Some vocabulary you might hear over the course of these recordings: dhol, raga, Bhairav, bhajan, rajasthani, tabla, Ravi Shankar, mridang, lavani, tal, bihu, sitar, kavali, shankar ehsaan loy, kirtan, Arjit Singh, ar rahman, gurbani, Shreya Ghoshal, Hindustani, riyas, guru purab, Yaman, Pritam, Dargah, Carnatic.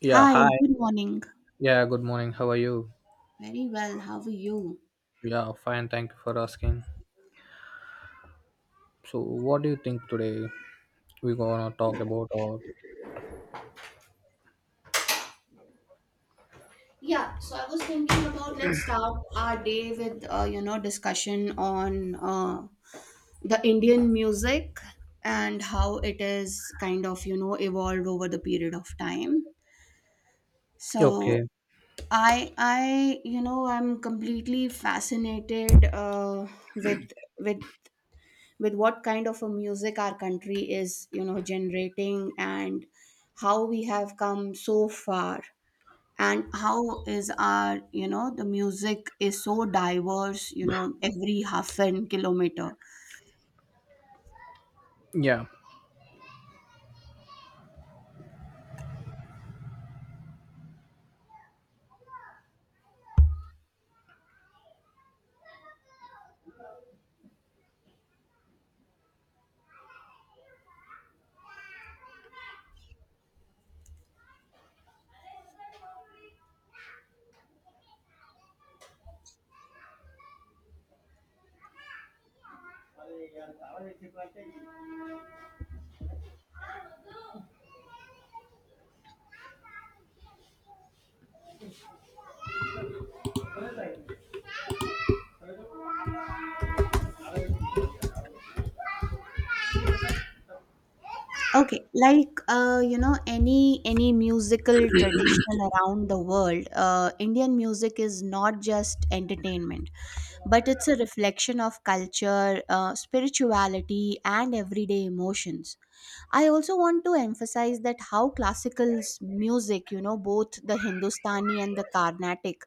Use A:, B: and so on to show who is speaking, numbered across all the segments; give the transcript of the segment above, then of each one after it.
A: Yeah,
B: Hi,
A: hi.
B: good morning.
A: Yeah, good morning. How are you?
B: Very well. How are you?
A: Yeah, fine. Thank you for asking. So, what do you think today we're gonna talk about? Or
B: Yeah, so I was thinking about let's start our day with you know discussion on the Indian music and how it is kind of evolved over the period of time. So
A: okay,
B: I I'm completely fascinated with with what kind of a music our country is generating and how we have come so far and how is our the music is so diverse, every half an kilometer.
A: yeah.
B: Okay, like any musical traditional around the world, Indian music is not just entertainment, but it's a reflection of culture, spirituality, and everyday emotions. I also want to emphasize that how music, both the Hindustani and the Carnatic,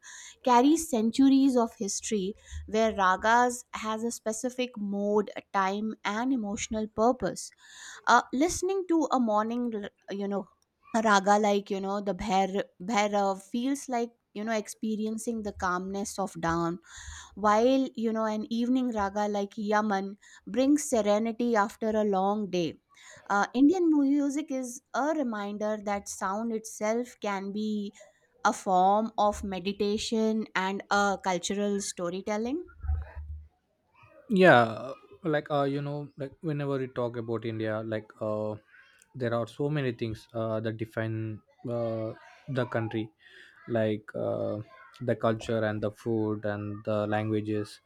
B: carries centuries of history, where ragas has a specific mode, time, and emotional purpose. Listening to a morning a raga like, the Bhairav, feels like, experiencing the calmness of dawn, while an evening raga like Yaman brings serenity after a long day. Indian music is a reminder that sound itself can be a form of meditation and a cultural storytelling.
A: Yeah, like like whenever we talk about india like there are so many things that define uh the country, like the culture and the food and the languages.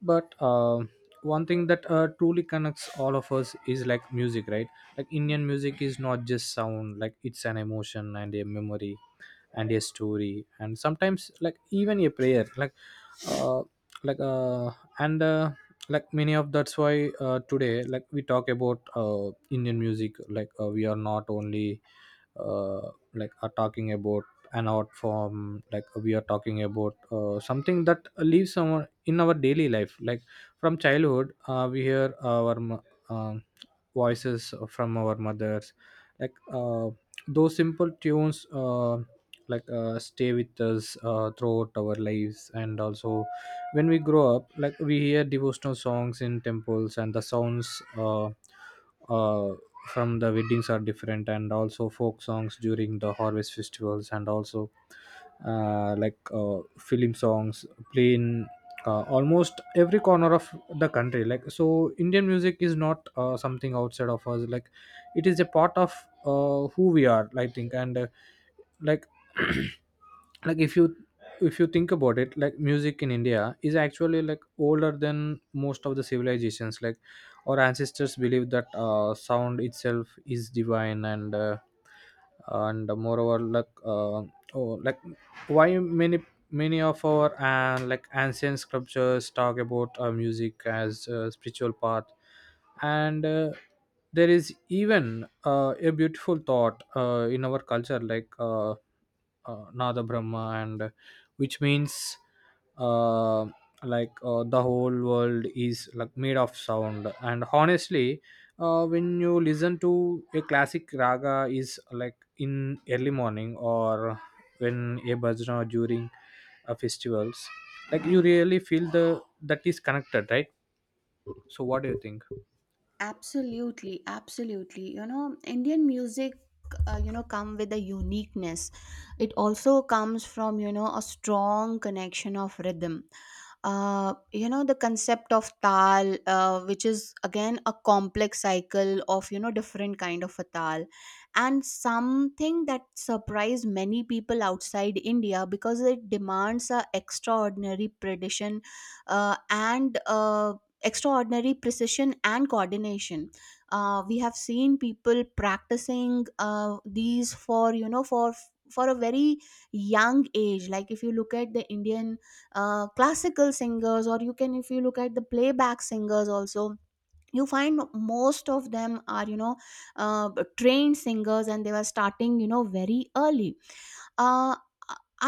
A: But one thing that truly connects all of us is like music, right? Like indian music is not just sound, like it's an emotion and a memory and a story and sometimes like even a prayer. Like uh like and like many of that's why today, like we talk about indian music, like we are not only like are talking about an art form, like we are talking about something that lives our, in our daily life, like from childhood we hear our um, voices from our mothers, like those simple tunes like stay with us throughout our lives. And also when we grow up, like we hear devotional songs in temples, and the sounds uh, from the weddings are different, and also folk songs during the harvest festivals, and also like film songs play in almost every corner of the country. Like so indian music is not something outside of us, like it is a part of who we are, I think. And like like if you think about it, like music in india is actually like older than most of the civilizations. Like our ancestors believed that sound itself is divine. And and moreover like oh, like why many of our and like ancient sculptures talk about music as a spiritual path. And there is even a beautiful thought in our culture, like nada brahma, and which means uh, like the whole world is like made of sound. And honestly when you listen to a classic raga is like in early morning or when a bhajna or during festivals, like you really feel the that is connected, right? So what do you think?
B: Absolutely, absolutely. You know, Indian music, come with a uniqueness. It also comes from a strong connection of rhythm, the concept of tal, which is again a complex cycle of different kind of a tal, and something that surprised many people outside India, because it demands a extraordinary precision, and extraordinary precision and coordination. We have seen people practicing these for for a very young age. Like if you look at the Indian classical singers, or you can if you look at the playback singers also, you find most of them are uh, trained singers, and they were starting very early. uh,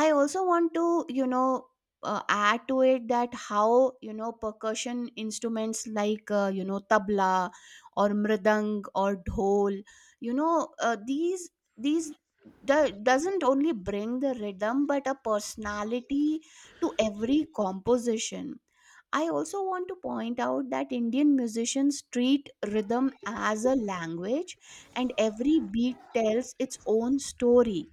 B: i also want to add to it that how percussion instruments like tabla or mridang or dhol, you know uh, these these doesn't only bring the rhythm but a personality to every composition. I also want to point out that Indian musicians treat rhythm as a language, and every beat tells its own story.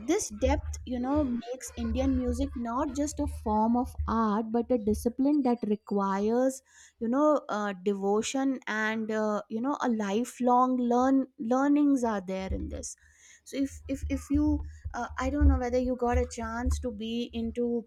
B: This depth, makes Indian music not just a form of art, but a discipline that requires, devotion and a lifelong learnings are there in this. So if you, I don't know whether you got a chance to be into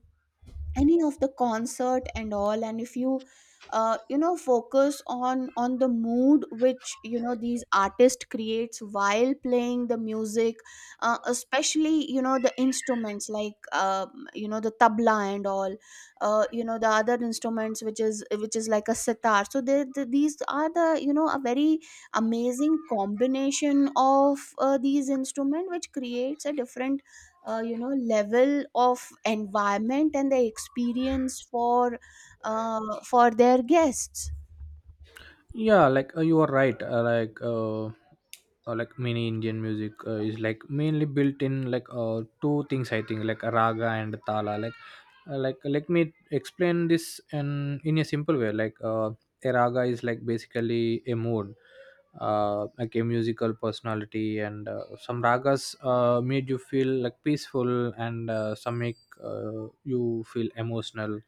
B: any of the concert and all, and if you you know focus on the mood which these artists creates while playing the music, especially the instruments like the tabla and all, the other instruments which is like a sitar. So these are the, a very amazing combination of these instrument, which creates a different level of environment and the experience for their guests.
A: Yeah, like you are right, like many indian music is like mainly built in like two things, I think. Like a raga and a tala, like let me explain this in a simple way, like a raga is like basically a mood, like a musical personality. And some ragas made you feel like peaceful, and some make you feel emotional,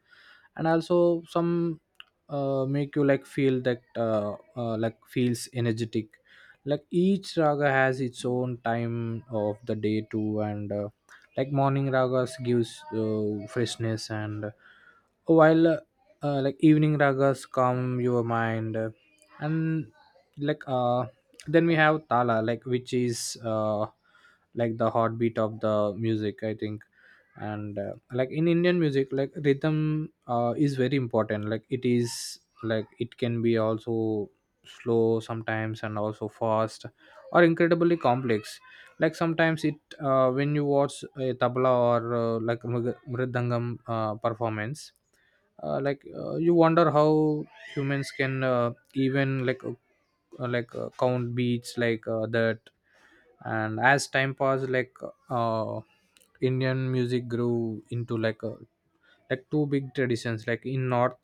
A: and also some make you like feel that like feels energetic. Like each raga has its own time of the day too. And like morning ragas gives freshness, and while like evening ragas calm your mind, and like then we have tala, like which is like the heartbeat of the music, I think. And like in indian music, like rhythm is very important. Like it is, like it can be also slow sometimes and also fast, or incredibly complex. Like sometimes it when you watch a tabla or like mridangam performance, like you wonder how humans can even like count beats like that. And as time passed, like uh, indian music grew into like a two big traditions. Like in north,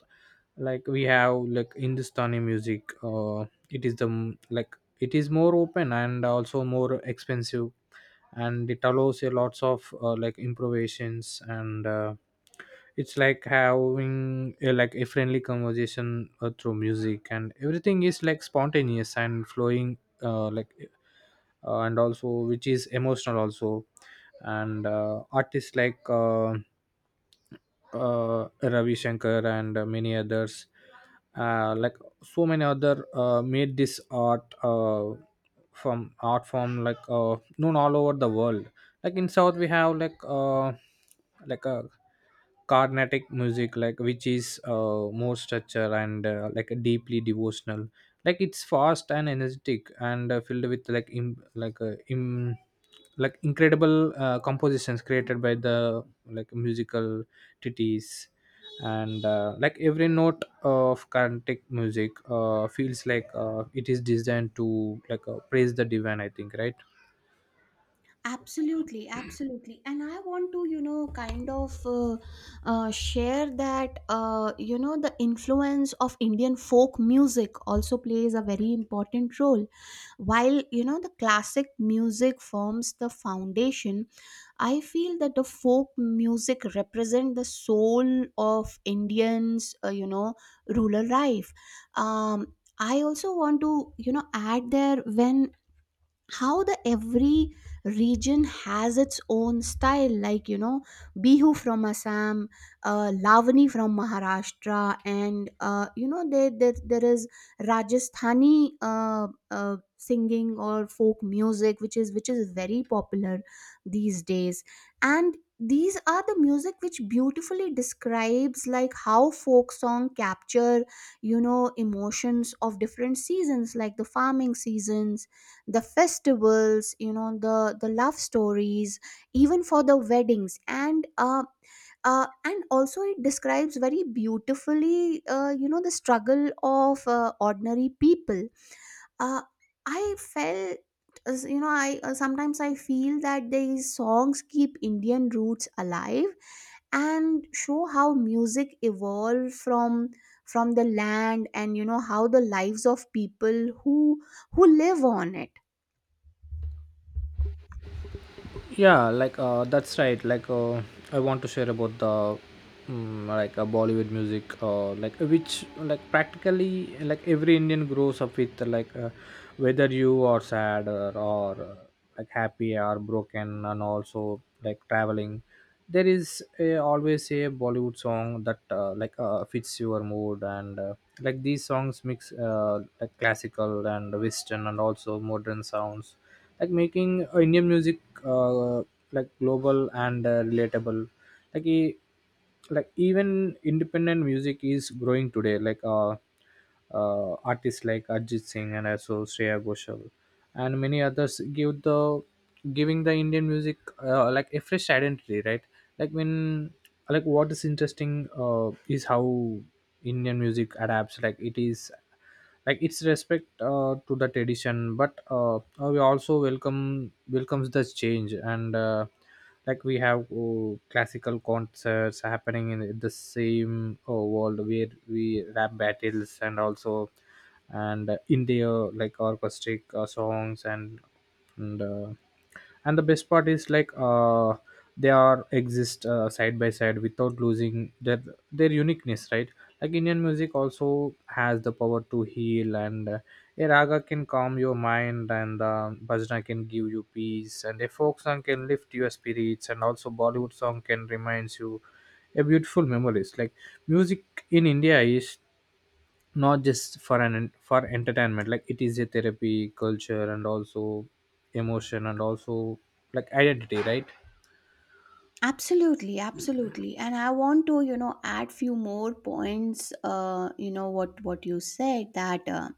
A: like we have like hindustani music. Uh it is the like it is more open and also more expensive, and it allows a lots of like improvisations. And it's like having a, like a friendly conversation through music, and everything is like spontaneous and flowing, like and also which is emotional also. And artists like Ravi Shankar and many others, like so many other made this art, from art form, like known all over the world. Like in South, we have like a Carnatic music, like which is more structure, and like deeply devotional. Like it's fast and energetic, and filled with like like like incredible compositions created by the like musical titties. And like every note of Carnatic music feels like it is designed to like praise the divine, I think, right?
B: Absolutely, absolutely. And I want to, kind of share that, the influence of Indian folk music also plays a very important role. While, the classic music forms the foundation, I feel that the folk music represent the soul of Indians, rural life. Um, I also want to, add there when how the every region has its own style, like Bihu from Assam, Lavani from Maharashtra, and there is Rajasthani singing or folk music, which is very popular these days. And these are the music which beautifully describes like how folk song capture emotions of different seasons, like the farming seasons, the festivals, the love stories, even for the weddings, and also it describes very beautifully the struggle of ordinary people. Uh, i felt you know I sometimes I feel that these songs keep Indian roots alive and show how music evolved from the land, and how the lives of people who live on it.
A: Yeah, like that's right. Like I want to share about the like bollywood music, like which like practically like every indian grows up with, like whether you are sad or like happy or broken, and also like traveling, there is a, always a bollywood song that like fits your mood. And like these songs mix like classical and western and also modern sounds, like making indian music uh, like global and relatable. Like like even independent music is growing today. Like artists like arjit singh and also shreya ghoshal and many others give the giving the indian music like a fresh identity, right? Like when, like what is interesting is how indian music adapts. Like it is like its respect to the tradition, but we also welcomes the change. And like we have classical concerts happening in the same world where we rap battles, and also, and in their like orchestric songs, and and the best part is like they are exist side by side without losing their uniqueness, right? Like indian music also has the power to heal, and a raga can calm your mind, and bhajna can give you peace, and a folk song can lift your spirits, and also bollywood song can reminds you a beautiful memories. Like music in india is not just for an for entertainment. Like it is a therapy culture and also emotion and also like identity, right?
B: Absolutely, absolutely. And I want to add few more points, what you said, that uh,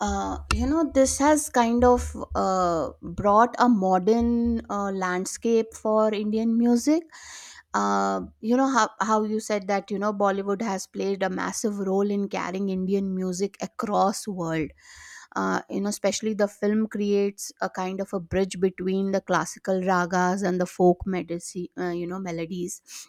B: uh, you know this has kind of brought a modern landscape for Indian music. How you said that Bollywood has played a massive role in carrying Indian music across world. Especially the film creates a kind of a bridge between the classical ragas and the melodies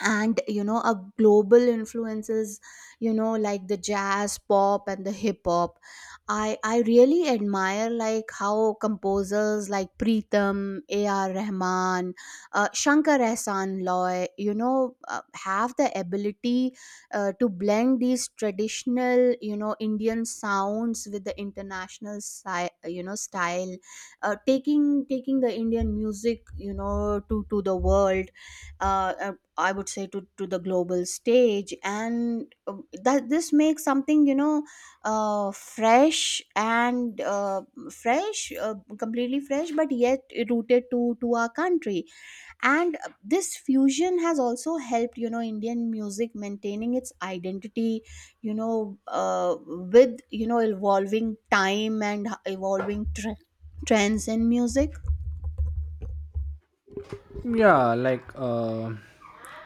B: and a global influences, like the jazz, pop and the hip hop. I really admire like how composers like Pritam, AR Rahman, Shankar Ehsaan Loy, have the ability to blend these traditional, Indian sounds with the international, style, taking the Indian music, to the world, uh, uh, I would say, to the global stage, and that this makes something, fresh, and completely fresh, but yet rooted to our country. And this fusion has also helped, Indian music maintaining its identity, with evolving time and evolving trends in music.
A: Yeah,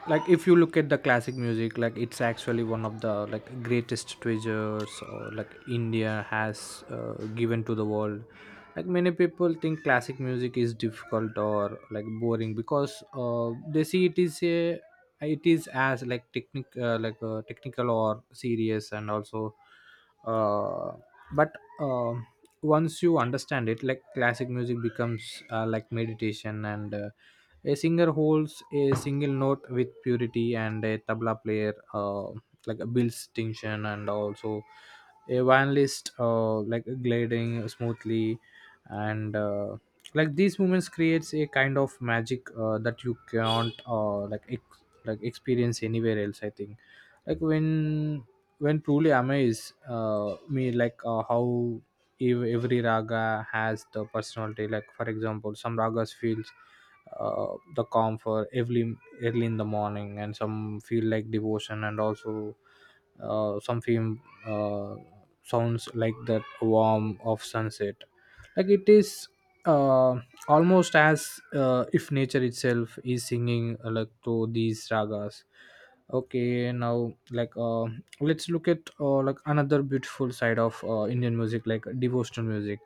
A: like if you look at the classic music, like it's actually one of the like greatest treasures, or like india has given to the world. Like many people think classic music is difficult or like boring because they see it is as like technic, like technical or serious, and also uh, but um once you understand it, like classic music becomes like meditation. And a singer holds a single note with purity, and a tabla player like builds tension, and also a violinist like gliding smoothly, and like these moments creates a kind of magic that you can't like like experience anywhere else, I think. Like when truly amazed me, like how every raga has the personality. Like for example some ragas feels the calm for early in the morning, and some feel like devotion, and also some feel uh, sounds like that warm of sunset. Like it is uh, almost as if nature itself is singing like to these ragas. Okay, now like let's look at like another beautiful side of Indian music, like devotional music.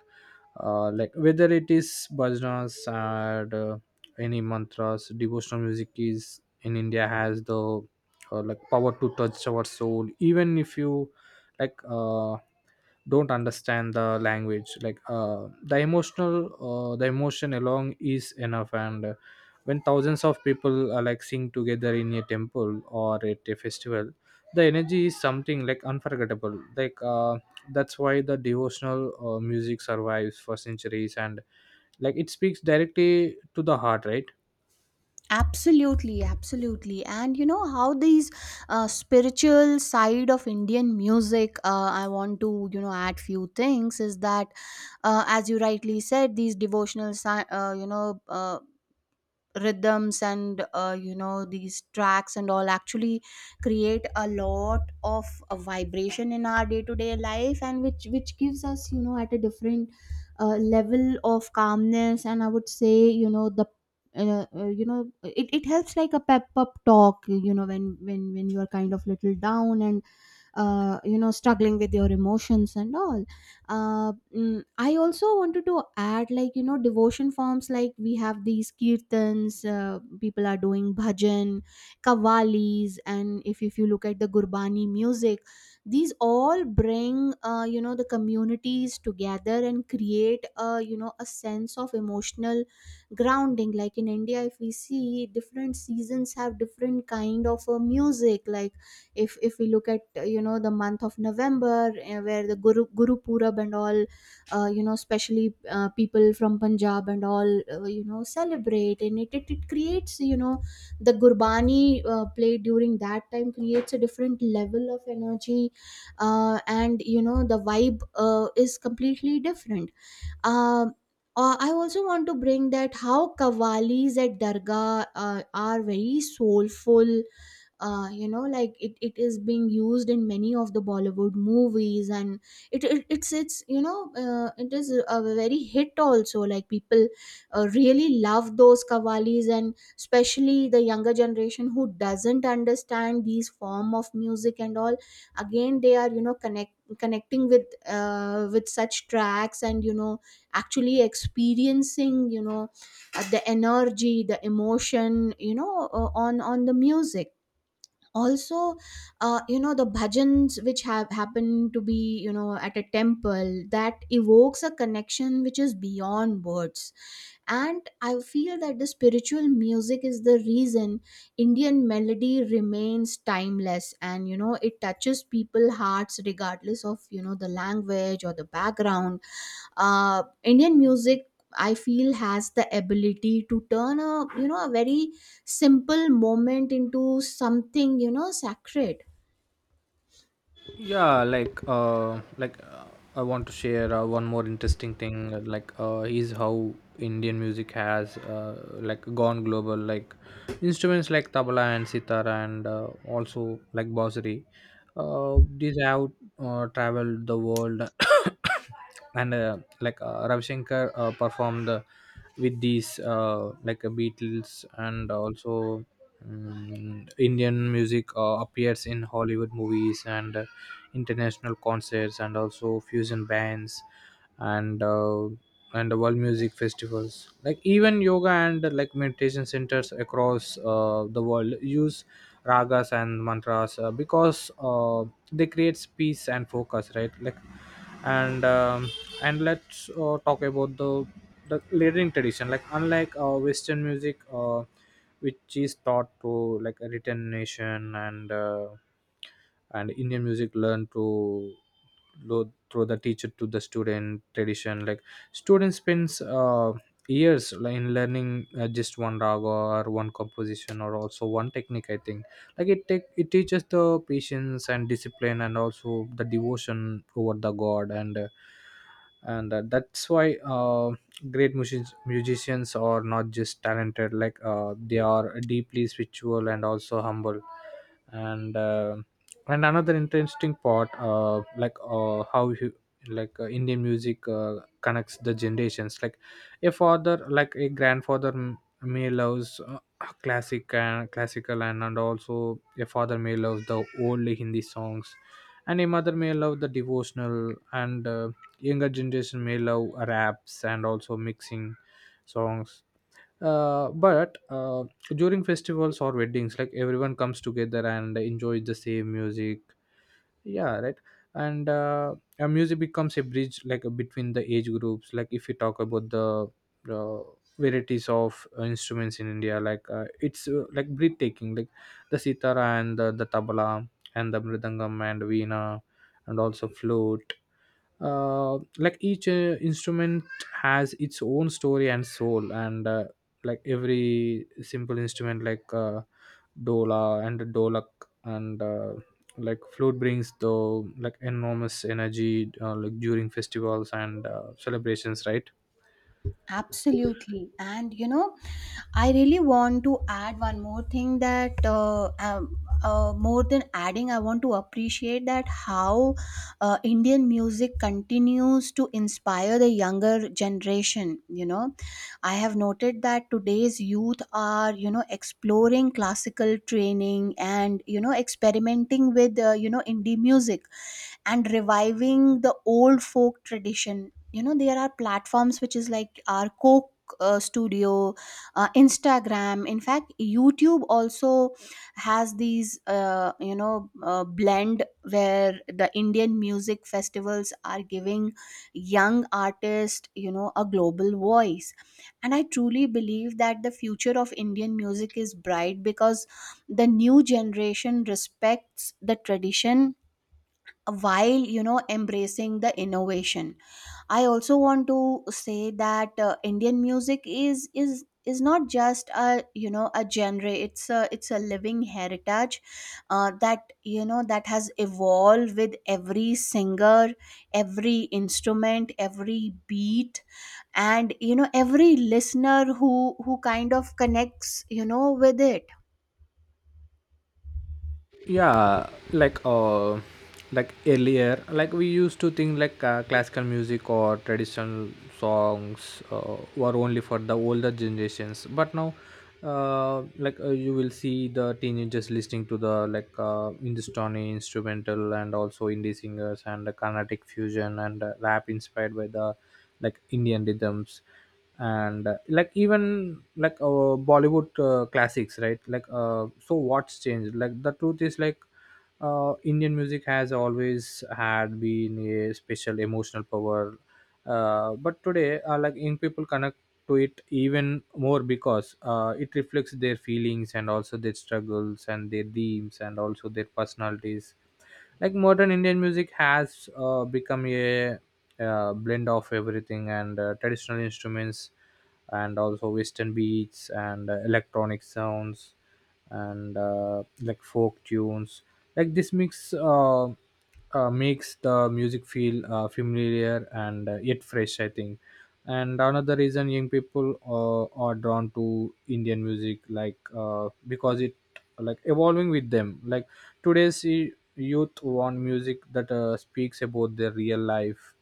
A: Like whether it is bhajans and any mantras, devotional music is in India has the like power to touch our soul. Even if you like uh, don't understand the language the emotion alone is enough and when thousands of people are sing together in a temple or at a festival, the energy is something unforgettable. That's why the devotional music survives for centuries and it speaks directly to the heart, right?
B: Absolutely, absolutely. And how these spiritual side of Indian music, I want to, add few things is that, as you rightly said, these devotional rhythms and these tracks and all actually create a lot of vibration in our day to day life, and which gives us, at a different level of calmness, and I would say the it, it helps like a pep up talk, when when you are kind of little down and struggling with your emotions and all. I also wanted to add, like devotion forms, like we have these kirtans, people are doing bhajan, kavalis, and if you look at the gurbani music, these all bring, the communities together, and create a, a sense of emotional grounding. Like in India, if we see different seasons have different kind of music. Like if we look at the month of November, where the guru purab and all, especially people from Punjab and all, celebrate, and it creates, the gurbani play during that time, creates a different level of energy, and the vibe is completely different. Um uh, I also want to bring that how kavalis at Dargah are very soulful. Like it, it is being used in many of the Bollywood movies, and it's it is a very hit also. Like people really love those kavalis, and especially the younger generation who doesn't understand these form of music and all, again they are, connecting with such tracks, and actually experiencing, the energy, the emotion, on the music also. The bhajans which have happen to be, at a temple, that evokes a connection which is beyond words. And I feel that the spiritual music is the reason Indian melody remains timeless, and it touches people hearts regardless of, the language or the background. Indian music, I feel has the ability to turn a, a very simple moment into something, sacred.
A: Yeah. I want to share one more interesting thing, is how Indian music has gone global. Instruments like tabla and sitar and also like bansuri, these have traveled the world and Ravi Shankar performed with these like Beatles. And also, Indian music appears in Hollywood movies and international concerts and also fusion bands and uh, and the world music festivals. Even yoga and meditation centers across the world use ragas and mantras because they creates peace and focus, right? Like and um, and let's talk about the leading tradition. Unlike western music, which is taught to like a written nation, and Indian music learned to through the teacher to the student tradition. Student spends years in learning just one raga or one composition or also one technique, I think. It teaches the patience and discipline and also the devotion over the god and that's why great musicians are not just talented. They are deeply spiritual and also humble. And uh, and Another interesting part, like how you like Indian music connects the generations. A father, a grandfather may loves classic and classical , and also a father may love the old Hindi songs, and a mother may love the devotional, and younger generation may love raps and also mixing songs. But During festivals or weddings, everyone comes together and enjoys the same music, yeah, right. and Music becomes a bridge between the age groups. If you talk about the uh, varieties of instruments in India, it's breathtaking. The sitara and the tabla and the mridangam and veena and also flute. Each instrument has its own story and soul, and every simple instrument dola and dolak , and flute brings the enormous energy during festivals and celebrations, right?
B: Absolutely. And I really want to add one more thing that more than adding, I want to appreciate that how Indian music continues to inspire the younger generation. I have noted that today's youth are, exploring classical training, and, experimenting with, indie music, and reviving the old folk tradition. You know, there are platforms which is like our Coke Studio, Instagram, in fact YouTube also, has these blend, where the Indian music festivals are giving young artists, a global voice. And I truly believe that the future of Indian music is bright, because the new generation respects the tradition while, embracing the innovation. I also want to say that Indian music is not just a, a genre. It's a, it's a living heritage, that that has evolved with every singer, every instrument, every beat, and every listener who kind of connects, with it.
A: Yeah. Earlier we used to think classical music or traditional songs were only for the older generations, but now you will see the teenagers listening to the Hindustani instrumental and also indie singers and the carnatic fusion and rap inspired by the Indian rhythms, and even Bollywood classics, right? So what's changed? The truth is, Indian music has always had been a special emotional power, but today young people connect to it even more because it reflects their feelings and also their struggles and their dreams and also their personalities. Modern Indian music has become a blend of everything and traditional instruments and also western beats and electronic sounds , and folk tunes. This mix makes the music feel familiar and yet fresh, I think. And another reason young people are drawn to Indian music, because it evolving with them. Today's youth want music that speaks about their real life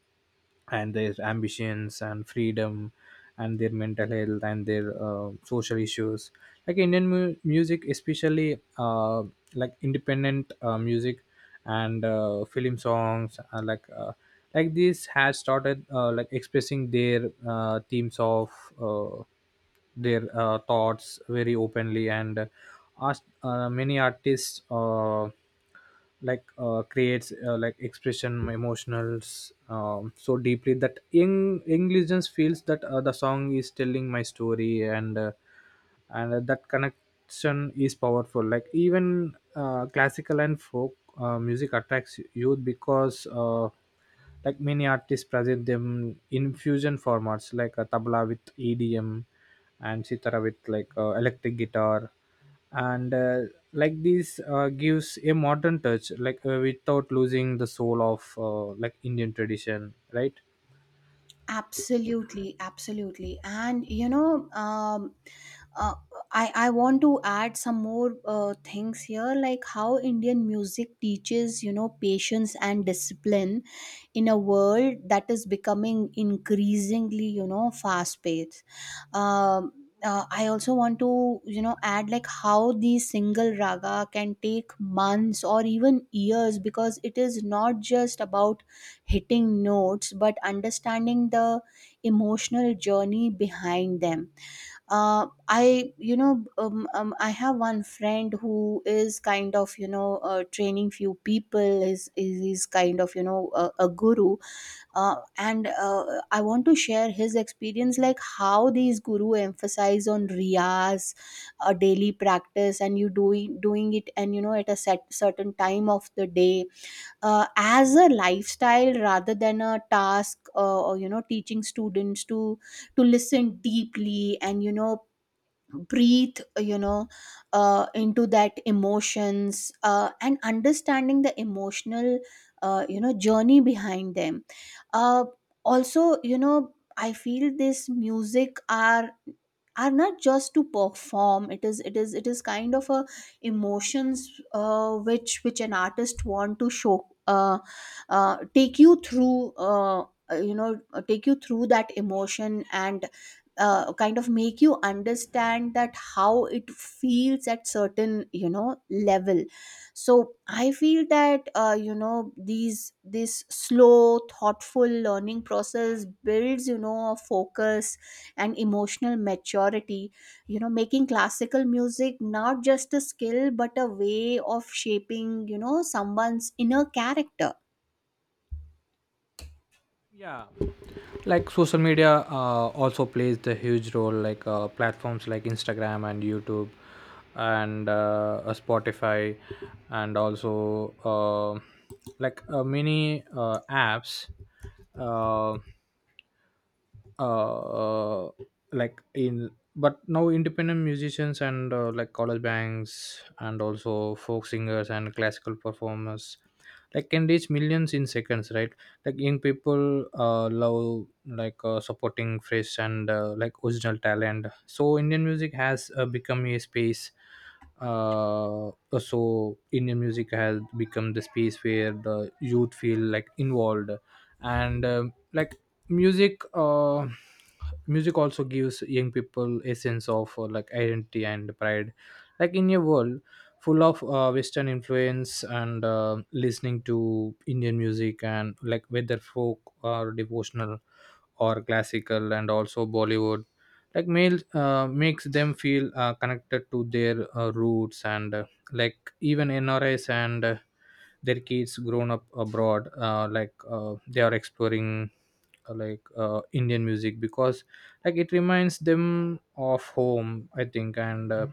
A: and their ambitions and freedom and their mental health and their social issues. Indian music, especially independent music and film songs, this has started expressing their themes of uh, their thoughts very openly and ask many artists creates expression emotionals so deeply that young English feels that the song is telling my story and that connection is powerful. Even classical and folk music attracts youth because, many artists present them in fusion formats like a tabla with EDM and sitara with electric guitar and like this gives a modern touch without losing the soul of Indian tradition, right?
B: Absolutely, absolutely. And uh, I want to add some more things here, like how Indian music teaches, patience and discipline, in a world that is becoming increasingly, fast paced. um I also want to, add like how the single raga can take months or even years, because it is not just about hitting notes, but understanding the emotional journey behind them. I I have one friend who is kind of, training few people, is kind of, a guru, and I want to share his experience, like how these guru emphasize on riyas, a daily practice, and you doing it, and at a certain time of the day, as a lifestyle rather than a task, or teaching students to listen deeply, and breathe, into that emotions, and understanding the emotional journey behind them. Uh, also you know i feel this music are not just to perform. It is kind of a emotions which an artist want to show, take you through, you know take you through that emotion, and kind of make you understand that how it feels at certain, level. So I feel that these this slow thoughtful learning process builds, a focus and emotional maturity, making classical music not just a skill, but a way of shaping, someone's inner character.
A: Yeah. Social media also plays the huge role. Platforms like Instagram and YouTube and Spotify and also many apps. Uh, uh like in but now independent musicians and college bands and also folk singers and classical performers can reach millions in seconds, right? Young people love supporting fresh and original talent. So Indian music has become a space uh, so Indian music has become the space where the youth feel involved and like music Music also gives young people a sense of identity and pride. In a world full of western influence and listening to Indian music and like whether folk or devotional or classical and also Bollywood, like male makes them feel connected to their roots and Even NRs and their kids grown up abroad, they are exploring Indian music because it reminds them of home, I think. And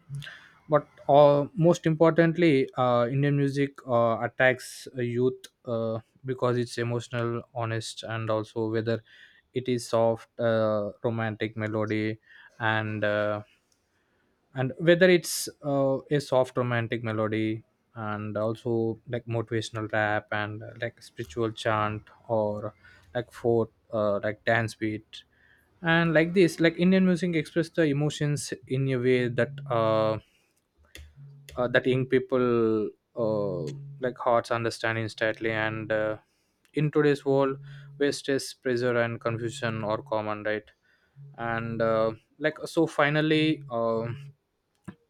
A: but Most importantly, Indian music attacks a youth, because it's emotional honest. And also Whether it is soft romantic melody and uh, and whether it's a soft romantic melody and also motivational rap and spiritual chant or folk dance beat and like this like Indian music express the emotions in a way that that young people uh, like hearts understand instantly and in today's world where stress pressure and confusion are common, right? And uh, like so finally, um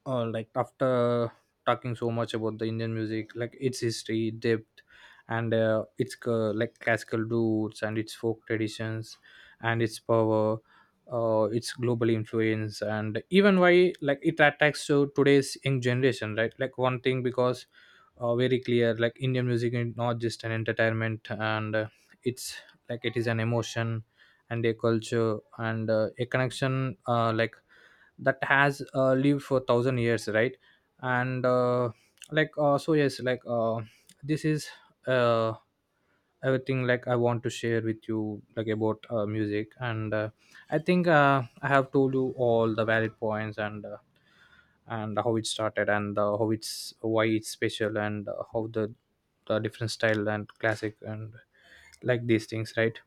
A: uh, like after talking so much about the Indian music, its history depth and its classical roots and its folk traditions and its power, its global influence and even why it attacks to today's young generation, right? One thing because very clear, Indian music is not just an entertainment and it's it is an emotion and a culture and a connection, that has lived for thousand years, right? And uh, like uh, so yes, this is uh, everything I want to share with you about music and I think I have told you all the valid points , and how it started and how it's why it's special , and how the different style and classic and these things, right?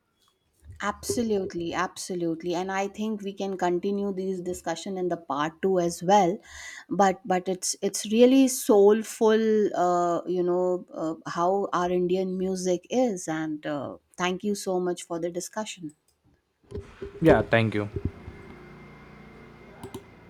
B: Absolutely, absolutely. And I think we can continue this discussion in the part two as well. But it's really soulful, how our Indian music is. And thank you so much for the discussion.
A: Yeah, thank you.